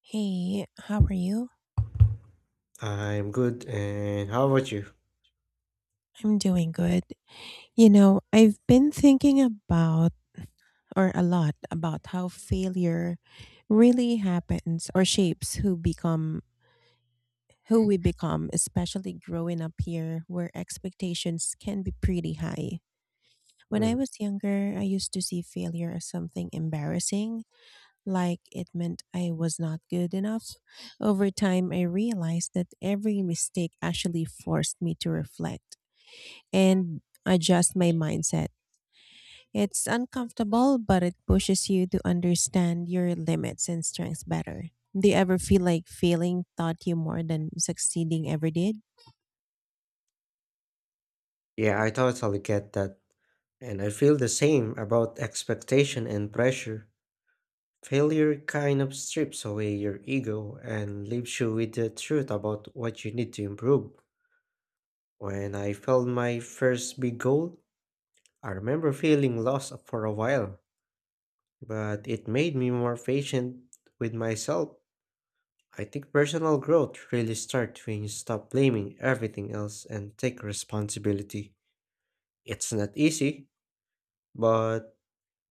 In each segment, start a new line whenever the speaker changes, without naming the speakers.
Hey, how are you?
I'm good, and how about you?
I'm doing good. I've been thinking about, or a lot about how failure really happens or shapes who we become, especially growing up here where expectations can be pretty high. When I
Mm.
was younger, I used to see failure as something embarrassing, like it meant I was not good enough. Over time, I realized that every mistake actually forced me to reflect and adjust my mindset. It's uncomfortable, but it pushes you to understand your limits and strengths better. Do you ever feel like failing taught you more than succeeding ever did?
Yeah, I totally get that. And I feel the same about expectation and pressure. Failure kind of strips away your ego and leaves you with the truth about what you need to improve. When I failed my first big goal, I remember feeling lost for a while, but it made me more patient with myself. I think personal growth really starts when you stop blaming everything else and take responsibility. It's not easy, but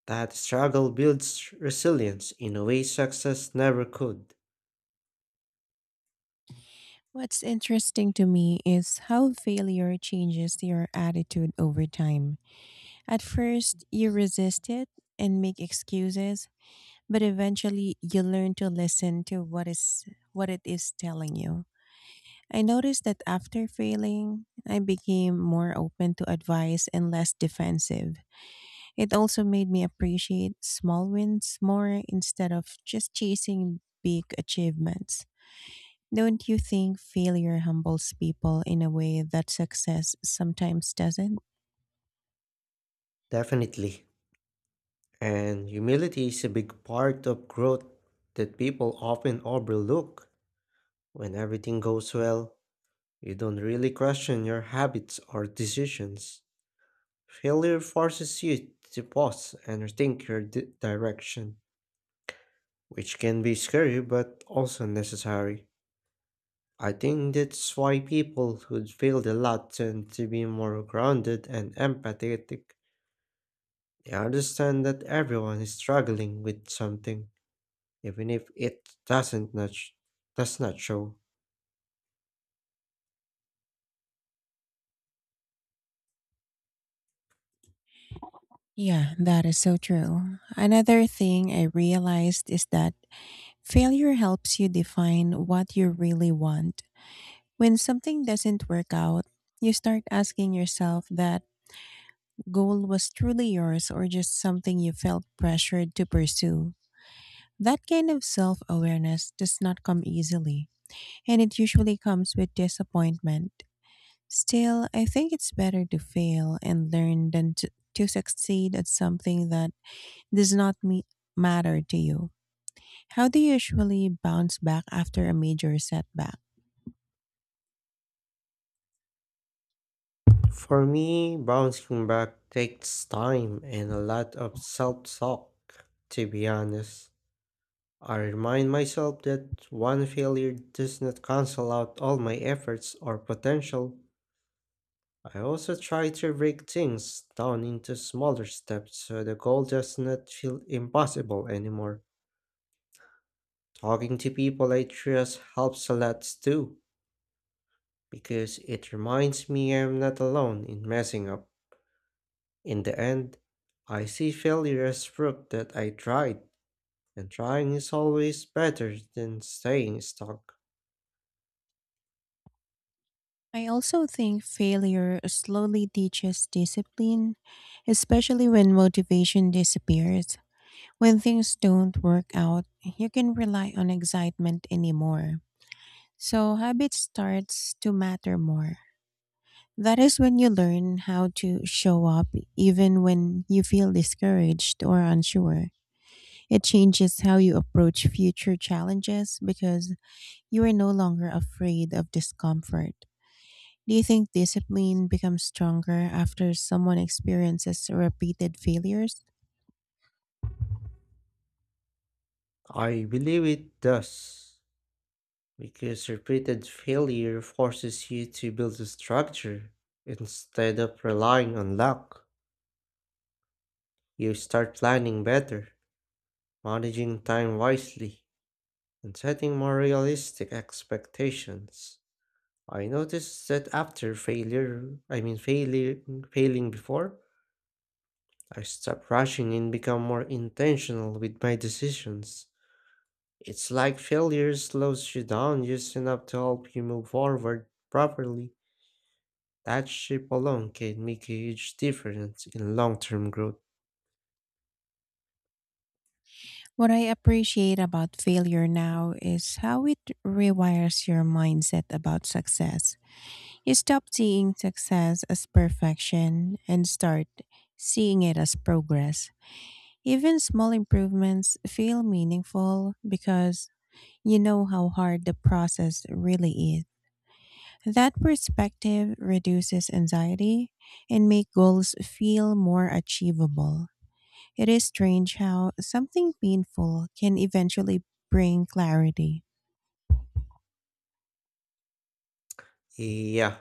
that struggle builds resilience in a way success never could.
What's interesting to me is how failure changes your attitude over time. At first, you resist it and make excuses, but eventually you learn to listen to what it is telling you. I noticed that after failing, I became more open to advice and less defensive. It also made me appreciate small wins more instead of just chasing big achievements. Don't you think failure humbles people in a way that success sometimes doesn't?
Definitely. And humility is a big part of growth that people often overlook. When everything goes well, you don't really question your habits or decisions. Failure forces you to pause and rethink your direction, which can be scary but also necessary. I think that's why people who failed a lot tend to be more grounded and empathetic. They understand that everyone is struggling with something, even if it doesn't not does not show.
Yeah, that is so true. Another thing I realized is that failure helps you define what you really want. When something doesn't work out, you start asking yourself that goal was truly yours or just something you felt pressured to pursue. That kind of self awareness does not come easily, and it usually comes with disappointment. Still, I think it's better to fail and learn than to succeed at something that does not me- matter to you. How do you usually bounce back after a major setback?
For me, bouncing back takes time and a lot of self-talk, to be honest. I remind myself that one failure does not cancel out all my efforts or potential. I also try to break things down into smaller steps so the goal does not feel impossible anymore. Talking to people I trust helps a lot too, because it reminds me I'm not alone in messing up. In the end, I see failure as proof that I tried, and trying is always better than staying stuck.
I also think failure slowly teaches discipline, especially when motivation disappears. When things don't work out, you can rely on excitement anymore. So habit starts to matter more. That is when you learn how to show up even when you feel discouraged or unsure. It changes how you approach future challenges because you are no longer afraid of discomfort. Do you think discipline becomes stronger after someone experiences repeated failures?
I believe it does, because repeated failure forces you to build a structure. Instead of relying on luck, you start planning better, managing time wisely, and setting more realistic expectations. I noticed that after failure, I mean failure, failing before, I stop rushing and become more intentional with my decisions. It's like failure slows you down just enough to help you move forward properly. That ship alone can make a huge difference in long-term growth.
What I appreciate about failure now is how it rewires your mindset about success. You stop seeing success as perfection and start seeing it as progress. Even small improvements feel meaningful because you know how hard the process really is. That perspective reduces anxiety and make goals feel more achievable. It is strange how something painful can eventually bring clarity.
Yeah,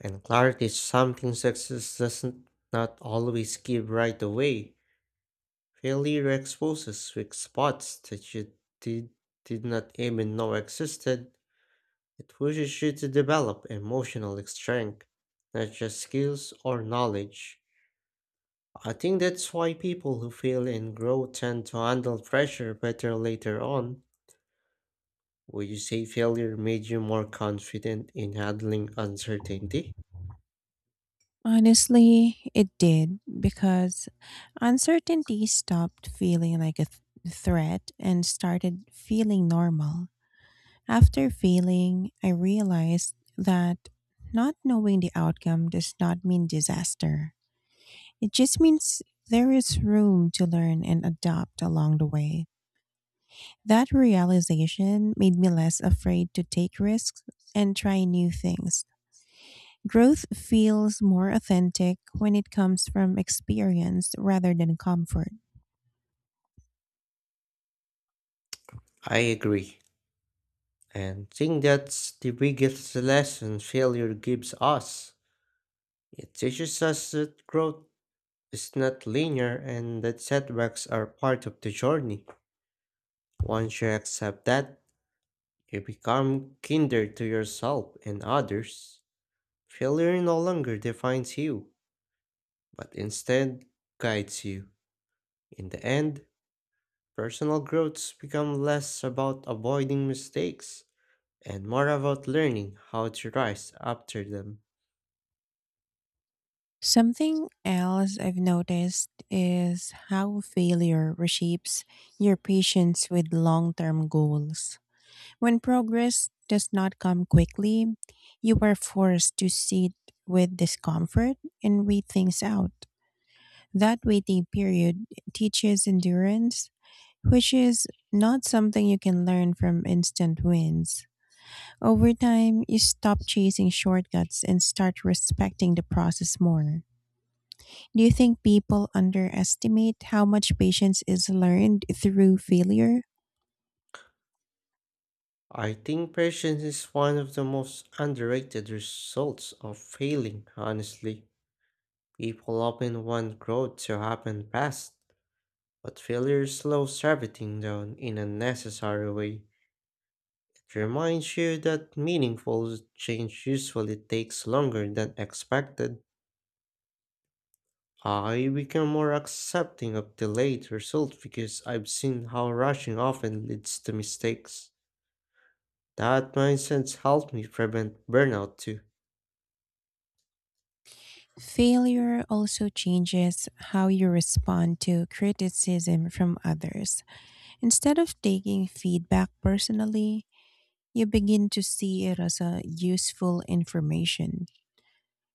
and clarity is something success doesn't not always give right away. Failure exposes weak spots that you did, did not even know existed. It pushes you to develop emotional strength, not just skills or knowledge. I think that's why people who fail and grow tend to handle pressure better later on. Would you say failure made you more confident in handling uncertainty?
Honestly, it did because uncertainty stopped feeling like threat and started feeling normal. After failing, I realized that not knowing the outcome does not mean disaster. It just means there is room to learn and adapt along the way. That realization made me less afraid to take risks and try new things. Growth feels more authentic when it comes from experience rather than comfort.
I agree. And think that's the biggest lesson failure gives us. It teaches us that growth is not linear and that setbacks are part of the journey. Once you accept that, you become kinder to yourself and others. Failure no longer defines you, but instead guides you. In the end, personal growths become less about avoiding mistakes and more about learning how to rise after them.
Something else I've noticed is how failure reshapes your patience with long term goals. When progress does not come quickly, you are forced to sit with discomfort and wait things out. That waiting period teaches endurance, which is not something you can learn from instant wins. Over time, you stop chasing shortcuts and start respecting the process more. Do you think people underestimate how much patience is learned through failure?
I think patience is one of the most underrated results of failing, honestly. People often want growth to happen fast, but failure slows everything down in a necessary way. It reminds you that meaningful change usually takes longer than expected. I become more accepting of delayed results because I've seen how rushing often leads to mistakes. That mindset helped me prevent burnout too.
Failure also changes how you respond to criticism from others. Instead of taking feedback personally, you begin to see it as a useful information.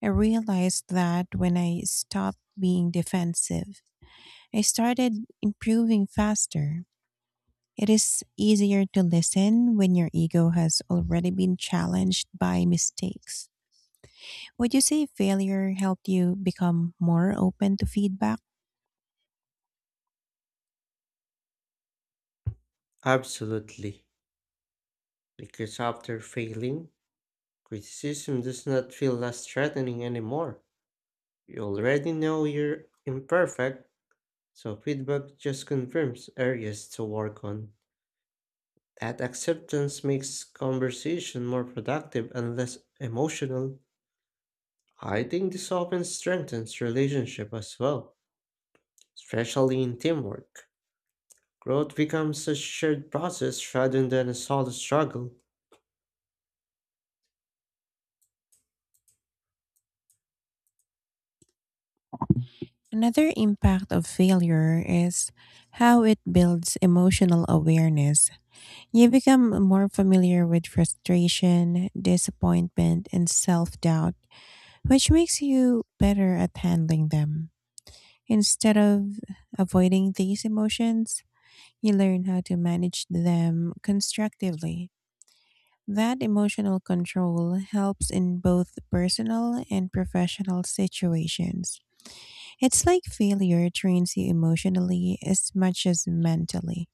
I realized that when I stopped being defensive, I started improving faster. It is easier to listen when your ego has already been challenged by mistakes. Would you say failure helped you become more open to feedback?
Absolutely. Because after failing, criticism does not feel less threatening anymore. You already know you're imperfect, so feedback just confirms areas to work on. That acceptance makes conversation more productive and less emotional. I think this often strengthens relationship as well, especially in teamwork. Growth becomes a shared process rather than a solo struggle.
Another impact of failure is how it builds emotional awareness. You become more familiar with frustration, disappointment, and self doubt, which makes you better at handling them. Instead of avoiding these emotions, you learn how to manage them constructively. That emotional control helps in both personal and professional situations. It's like failure trains you emotionally as much as mentally.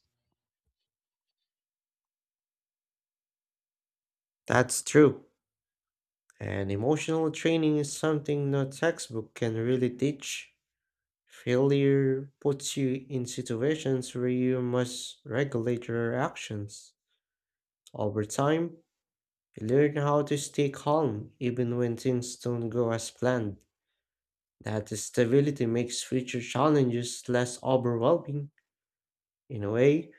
That's true. And emotional training is something no textbook can really teach. Failure puts you in situations where you must regulate your actions. Over time, you learn how to stay calm even when things don't go as planned. That stability makes future challenges less overwhelming. In a way,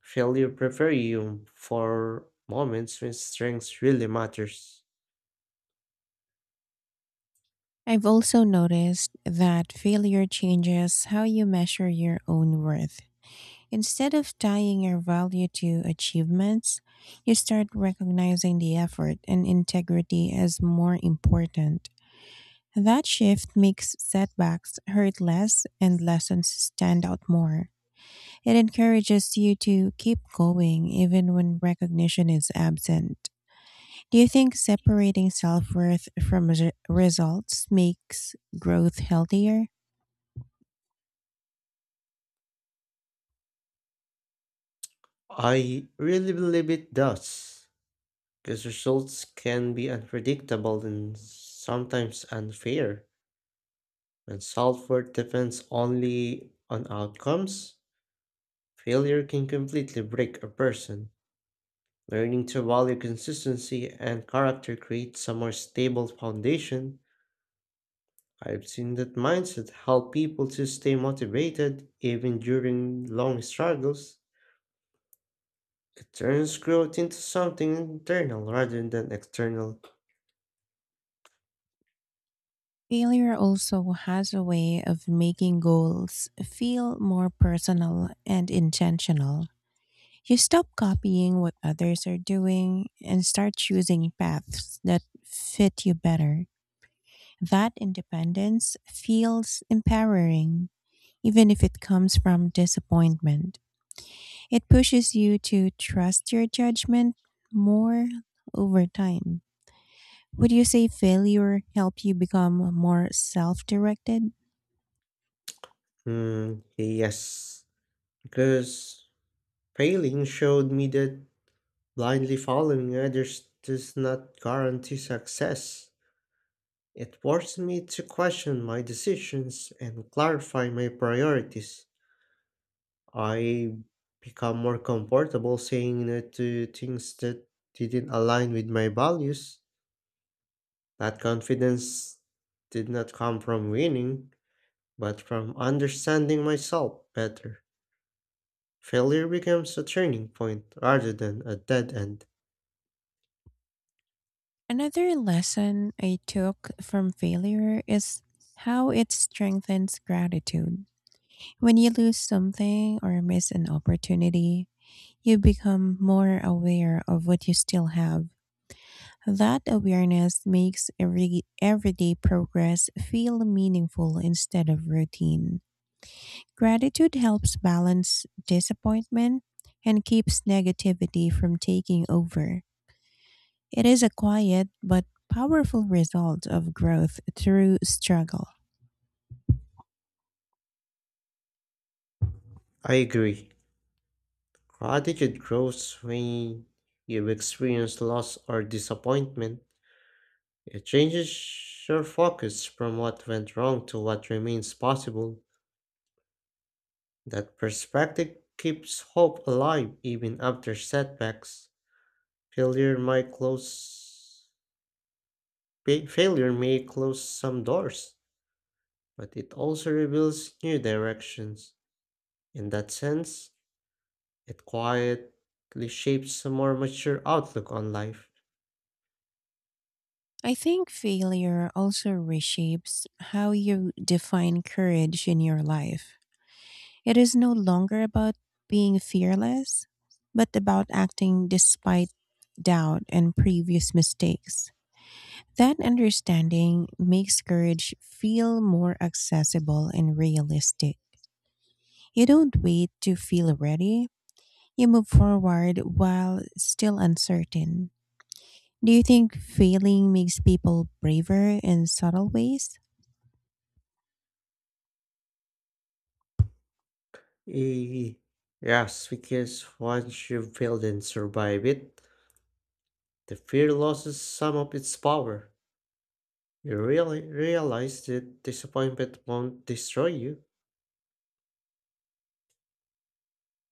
failure prepares you for moments when strength really matters.
I've also noticed that failure changes how you measure your own worth. Instead of tying your value to achievements, you start recognizing the effort and integrity as more important. That shift makes setbacks hurt less and lessons stand out more. It encourages you to keep going even when recognition is absent. Do you think separating self worth from results makes growth healthier?
I really believe it does, because results can be unpredictable and sometimes unfair. When self worth depends only on outcomes, failure can completely break a person. Learning to value consistency and character creates a more stable foundation. I've seen that mindset help people to stay motivated even during long struggles. It turns growth into something internal rather than external.
Failure also has a way of making goals feel more personal and intentional. You stop copying what others are doing and start choosing paths that fit you better. That independence feels empowering, even if it comes from disappointment. It pushes you to trust your judgment more over time. Would you say failure helped you become more self directed?
Yes, because failing showed me that blindly following others does not guarantee success. It forced me to question my decisions and clarify my priorities. I become more comfortable saying no to things that didn't align with my values. That confidence did not come from winning, but from understanding myself better. Failure becomes a turning point rather than a dead end.
Another lesson I took from failure is how it strengthens gratitude. When you lose something or miss an opportunity, you become more aware of what you still have. That awareness makes every everyday progress feel meaningful instead of routine. Gratitude helps balance disappointment and keeps negativity from taking over. It is a quiet but powerful result of growth through struggle.
I agree. Gratitude grows when you experience loss or disappointment. It changes your focus from what went wrong to what remains possible. That perspective keeps hope alive even after setbacks. Failure might close Failure may close some doors, but it also reveals new directions. In that sense, it quietly shapes a more mature outlook on life.
I think failure also reshapes how you define courage in your life. It is no longer about being fearless, but about acting despite doubt and previous mistakes. That understanding makes courage feel more accessible and realistic. You don't wait to feel ready, you move forward while still uncertain. Do you think failing makes people braver in subtle ways?
Eh, Yes, because once you failed and survive it, the fear loses some of its power. You really realize that disappointment won't destroy you,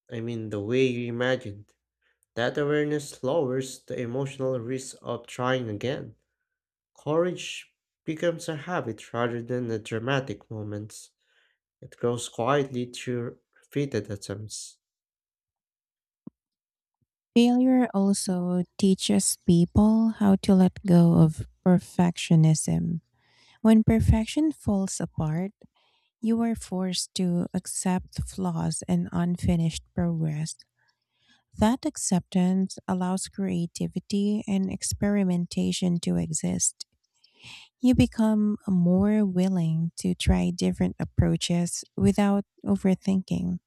I mean, the way you imagined. That awareness lowers the emotional risk of trying again. Courage becomes a habit rather than a dramatic moment. It grows quietly through repeated attempts.
Failure also teaches people how to let go of perfectionism. When perfection falls apart, you are forced to accept flaws and unfinished progress. That acceptance allows creativity and experimentation to exist. You become more willing to try different approaches without overthinking.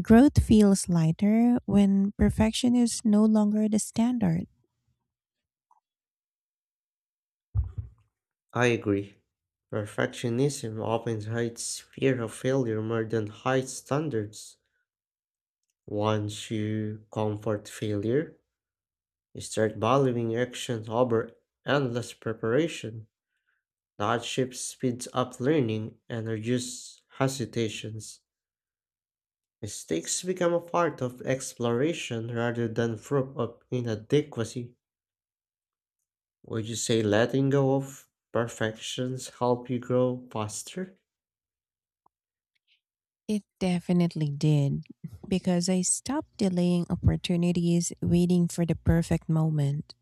Growth feels lighter when perfection is no longer the standard.
I agree. Perfectionism often hides fear of failure more than high standards. Once you comfort failure, you start valuing action over endless preparation. That shift speeds up learning and reduces hesitations. Mistakes become a part of exploration rather than proof of inadequacy. Would you say letting go of perfections help you grow faster?
It definitely did, because I stopped delaying opportunities waiting for the perfect moment.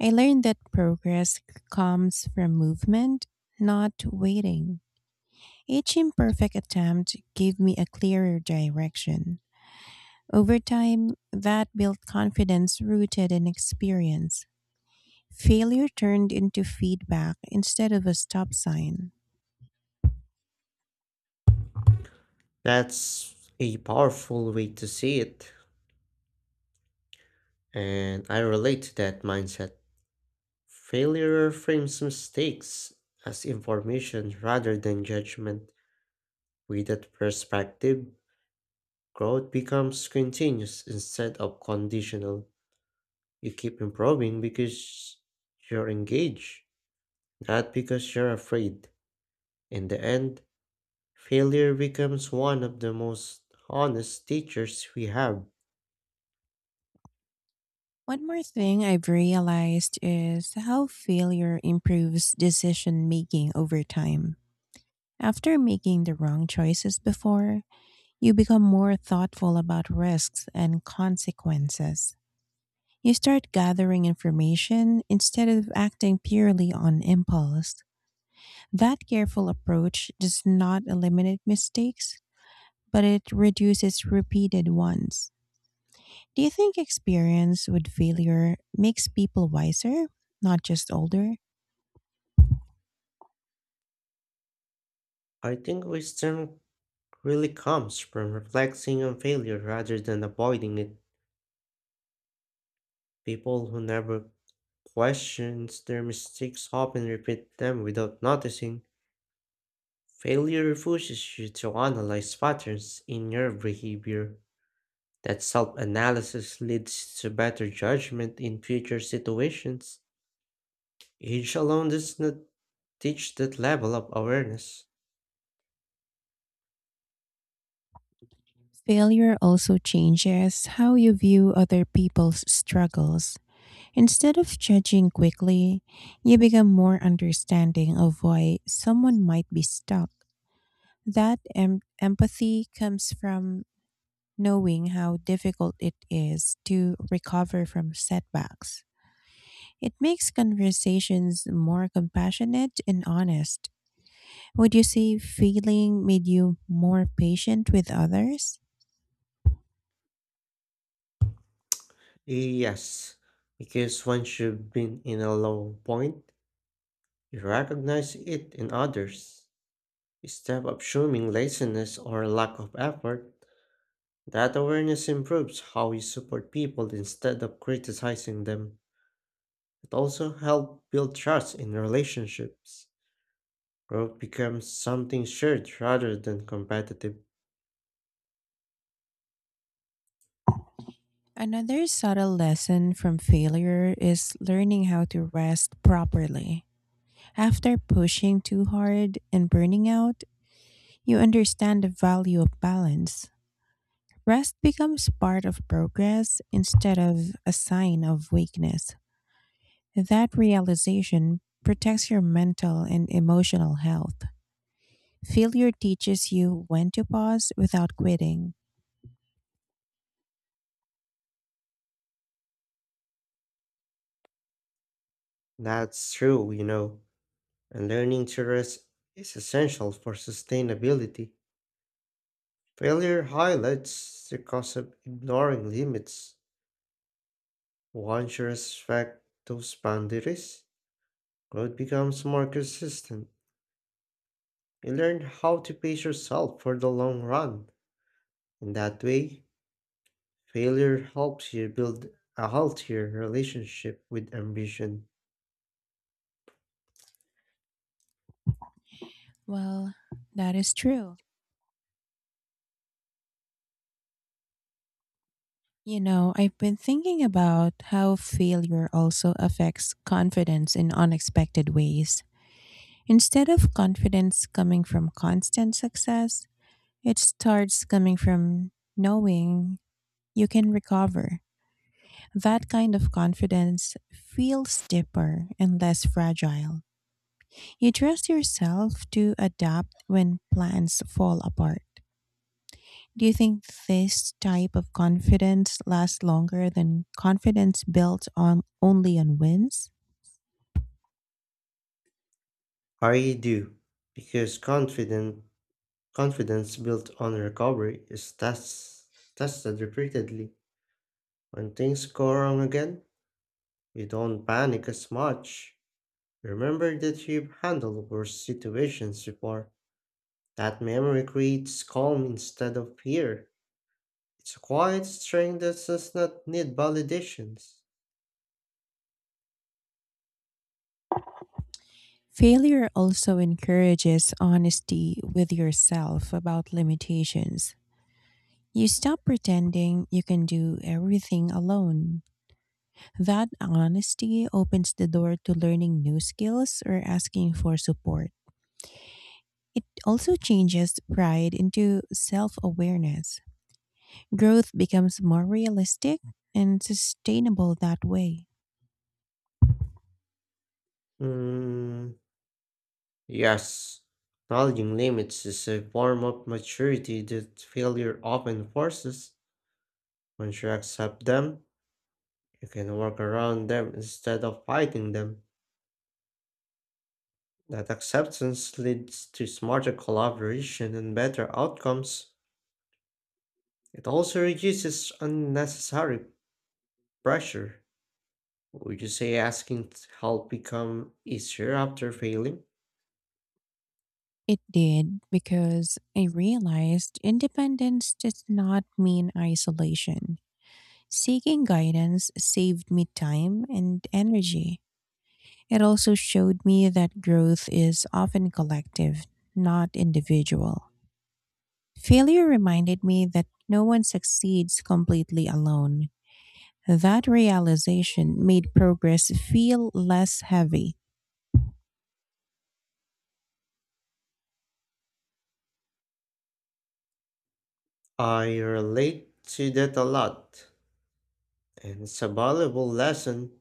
I learned that comes from movement, not waiting. Each imperfect attempt gave me a clearer direction. Over time, that built confidence rooted in experience. Failure turned into feedback instead of a stop sign.
That's a powerful way to see it, and I relate to that mindset. Failure frames mistakes as information rather than judgment. With that perspective, growth becomes continuous instead of conditional. You keep improving because you're engaged, not because you're afraid. In the end, failure becomes one of the most honest teachers we have.
One more thing I've realized is how failure improves decision making over time. After making the wrong choices before, you become more thoughtful about risks and consequences. You start gathering information instead of acting purely on impulse. That careful approach does not eliminate mistakes, but it reduces repeated ones. Do you think experience with failure makes people wiser, not just older?
I think wisdom really comes from reflecting on failure rather than avoiding it. People who never questions their mistakes often repeat them without noticing. Failure pushes you to analyze patterns in your behavior. That self analysis leads to better judgment in future situations. Age alone does not teach that level of awareness.
Failure also changes how you view other people's struggles. Instead of judging quickly, you become more understanding of why someone might be stuck. That empathy comes from knowing how difficult it is to recover from setbacks. It makes conversations more compassionate and honest. Would you say failing made you more patient with others?
Yes, because once you've been in a low point, you recognize it in others. Instead of assuming laziness or lack of effort, that awareness improves how you support people instead of criticizing them. It also helps build trust in relationships. Growth becomes something shared rather than competitive.
Another subtle lesson from failure is learning how to rest properly. After pushing too hard and burning out, you understand the value of balance. Rest becomes part of progress instead of a sign of weakness. That realization protects your mental and emotional health. Failure teaches you when to pause without quitting.
That's true, and learning to rest is essential for sustainability. Failure highlights the cost of ignoring limits. Once you respect those boundaries, growth becomes more consistent. You learn how to pace yourself for the long run. In that way, failure helps you build a healthier relationship with ambition.
Well, that is true. I've been thinking about how failure also affects confidence in unexpected ways. Instead of confidence coming from constant success, it starts coming from knowing you can recover. That kind of confidence feels deeper and less fragile. You trust yourself to adapt when plans fall apart. Do you think this type of confidence lasts longer than confidence built on only on wins?
I do, because confident confidence built on recovery is tested repeatedly. When things go wrong again, you don't panic as much. Remember that you've handled worse situations before. That memory creates calm instead of fear. It's a quiet strength that does not need validations.
Failure also encourages honesty with yourself about limitations. You stop pretending you can do everything alone. That honesty opens the door to learning new skills or asking for support. It also changes pride into self awareness. Growth becomes more realistic and sustainable that way.
Mm, Yes, acknowledging limits is a form of maturity that failure often forces. Once you accept them, you can work around them instead of fighting them. That acceptance leads to smarter collaboration and better outcomes. It also reduces unnecessary pressure. Would you say asking to help become easier after failing?
It did because I realized independence does not mean isolation. Seeking guidance saved me time and energy. It also showed me that growth is often collective, not individual. Failure reminded me that no one succeeds completely alone. That realization made progress feel less heavy.
I relate to that a lot, and it's a valuable lesson.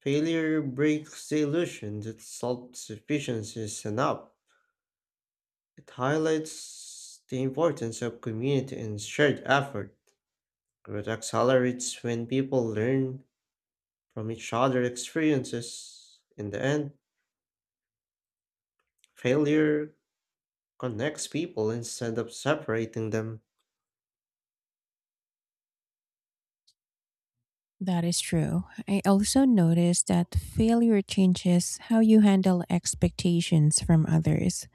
Failure breaks the illusion that self sufficiency is enough. It highlights the importance of community and shared effort. Growth accelerates when people learn from each other's experiences. In the end, failure connects people instead of separating them.
That is true. I also noticed that failure changes how you handle expectations from others.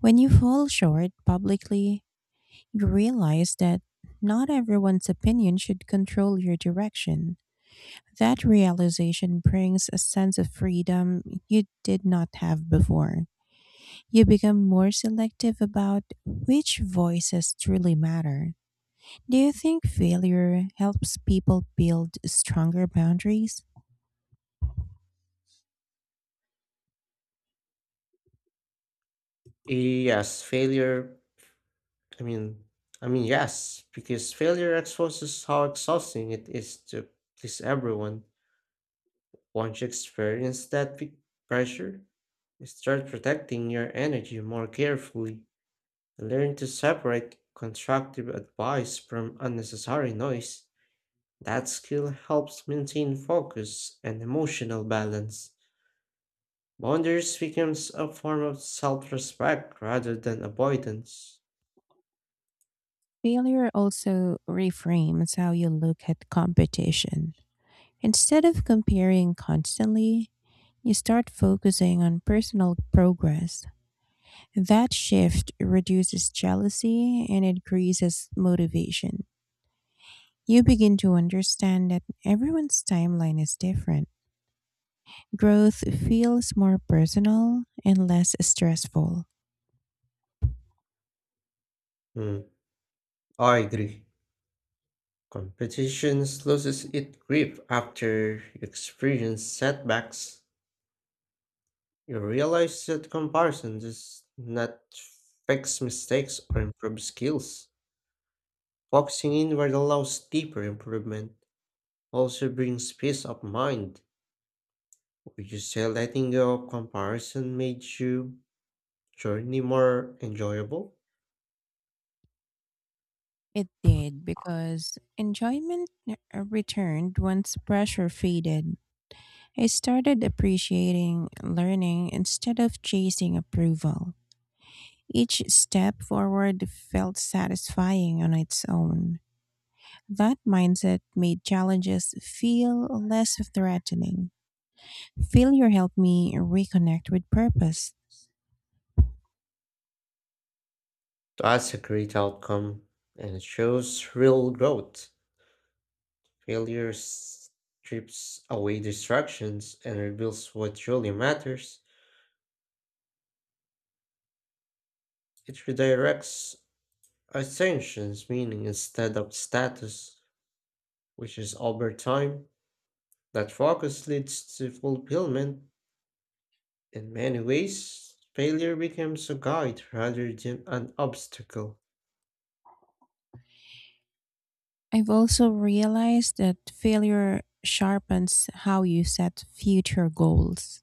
When you fall short publicly, you realize that not everyone's opinion should control your direction. That realization brings a sense of freedom you did not have before. You become more selective about which voices truly matter. Do you think failure helps people build stronger boundaries?
Yes, failure, I mean, I mean, Yes, because failure exposes how exhausting it is to please everyone. Once you experience that pressure, start protecting your energy more carefully learn to separate constructive advice from unnecessary noise. That skill helps maintain focus and emotional balance. Boundaries becomes a form of self-respect rather than avoidance.
Failure also reframes how you look at competition. Instead of comparing constantly, you start focusing on personal progress. That shift reduces jealousy and increases motivation. You begin to understand that everyone's timeline is different. Growth feels more personal and less stressful.
Hmm, I agree. Competition loses its grip after you experience setbacks. You realize that comparison does not fix mistakes or improve skills. Focusing inward allows deeper improvement, also brings peace of mind. Would you say letting go of comparison made your journey more enjoyable?
It did because enjoyment returned once pressure faded. I started appreciating learning instead of chasing approval. Each step forward felt satisfying on its own. That mindset made challenges feel less threatening. Failure helped me reconnect with purpose.
That's a great outcome and it shows real growth. Failure strips away distractions and reveals what truly matters. It redirects Ascension's meaning instead of status, which is over time. That focus leads to fulfillment. In many ways, failure becomes a guide rather than an obstacle.
I've also realized that failure sharpens how you set future goals.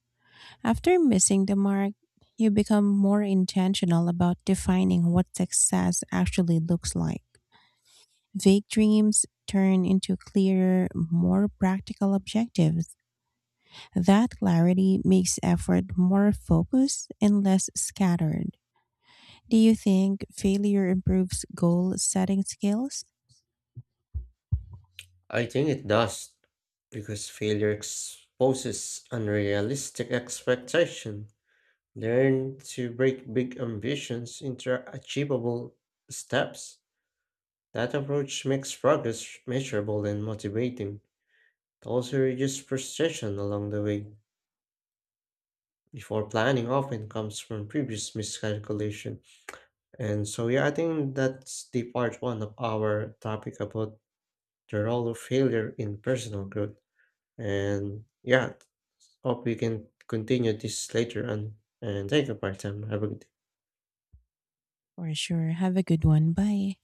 After missing the mark, you become more intentional about defining what success actually looks like. Vague dreams turn into clearer, more practical objectives. That clarity makes effort more focused and less scattered. Do you think failure improves goal setting skills?
I think it does, because failure exposes unrealistic expectation. Learn to break big ambitions into achievable steps. That approach makes progress measurable and motivating. It also reduces frustration along the way. Before planning often comes from previous miscalculation. And so, yeah, I think that's the part one of our topic about the role of failure in personal growth. And yeah, hope we can continue this later on. And thank you, part time. Have a good day.
For sure. Have a good one. Bye.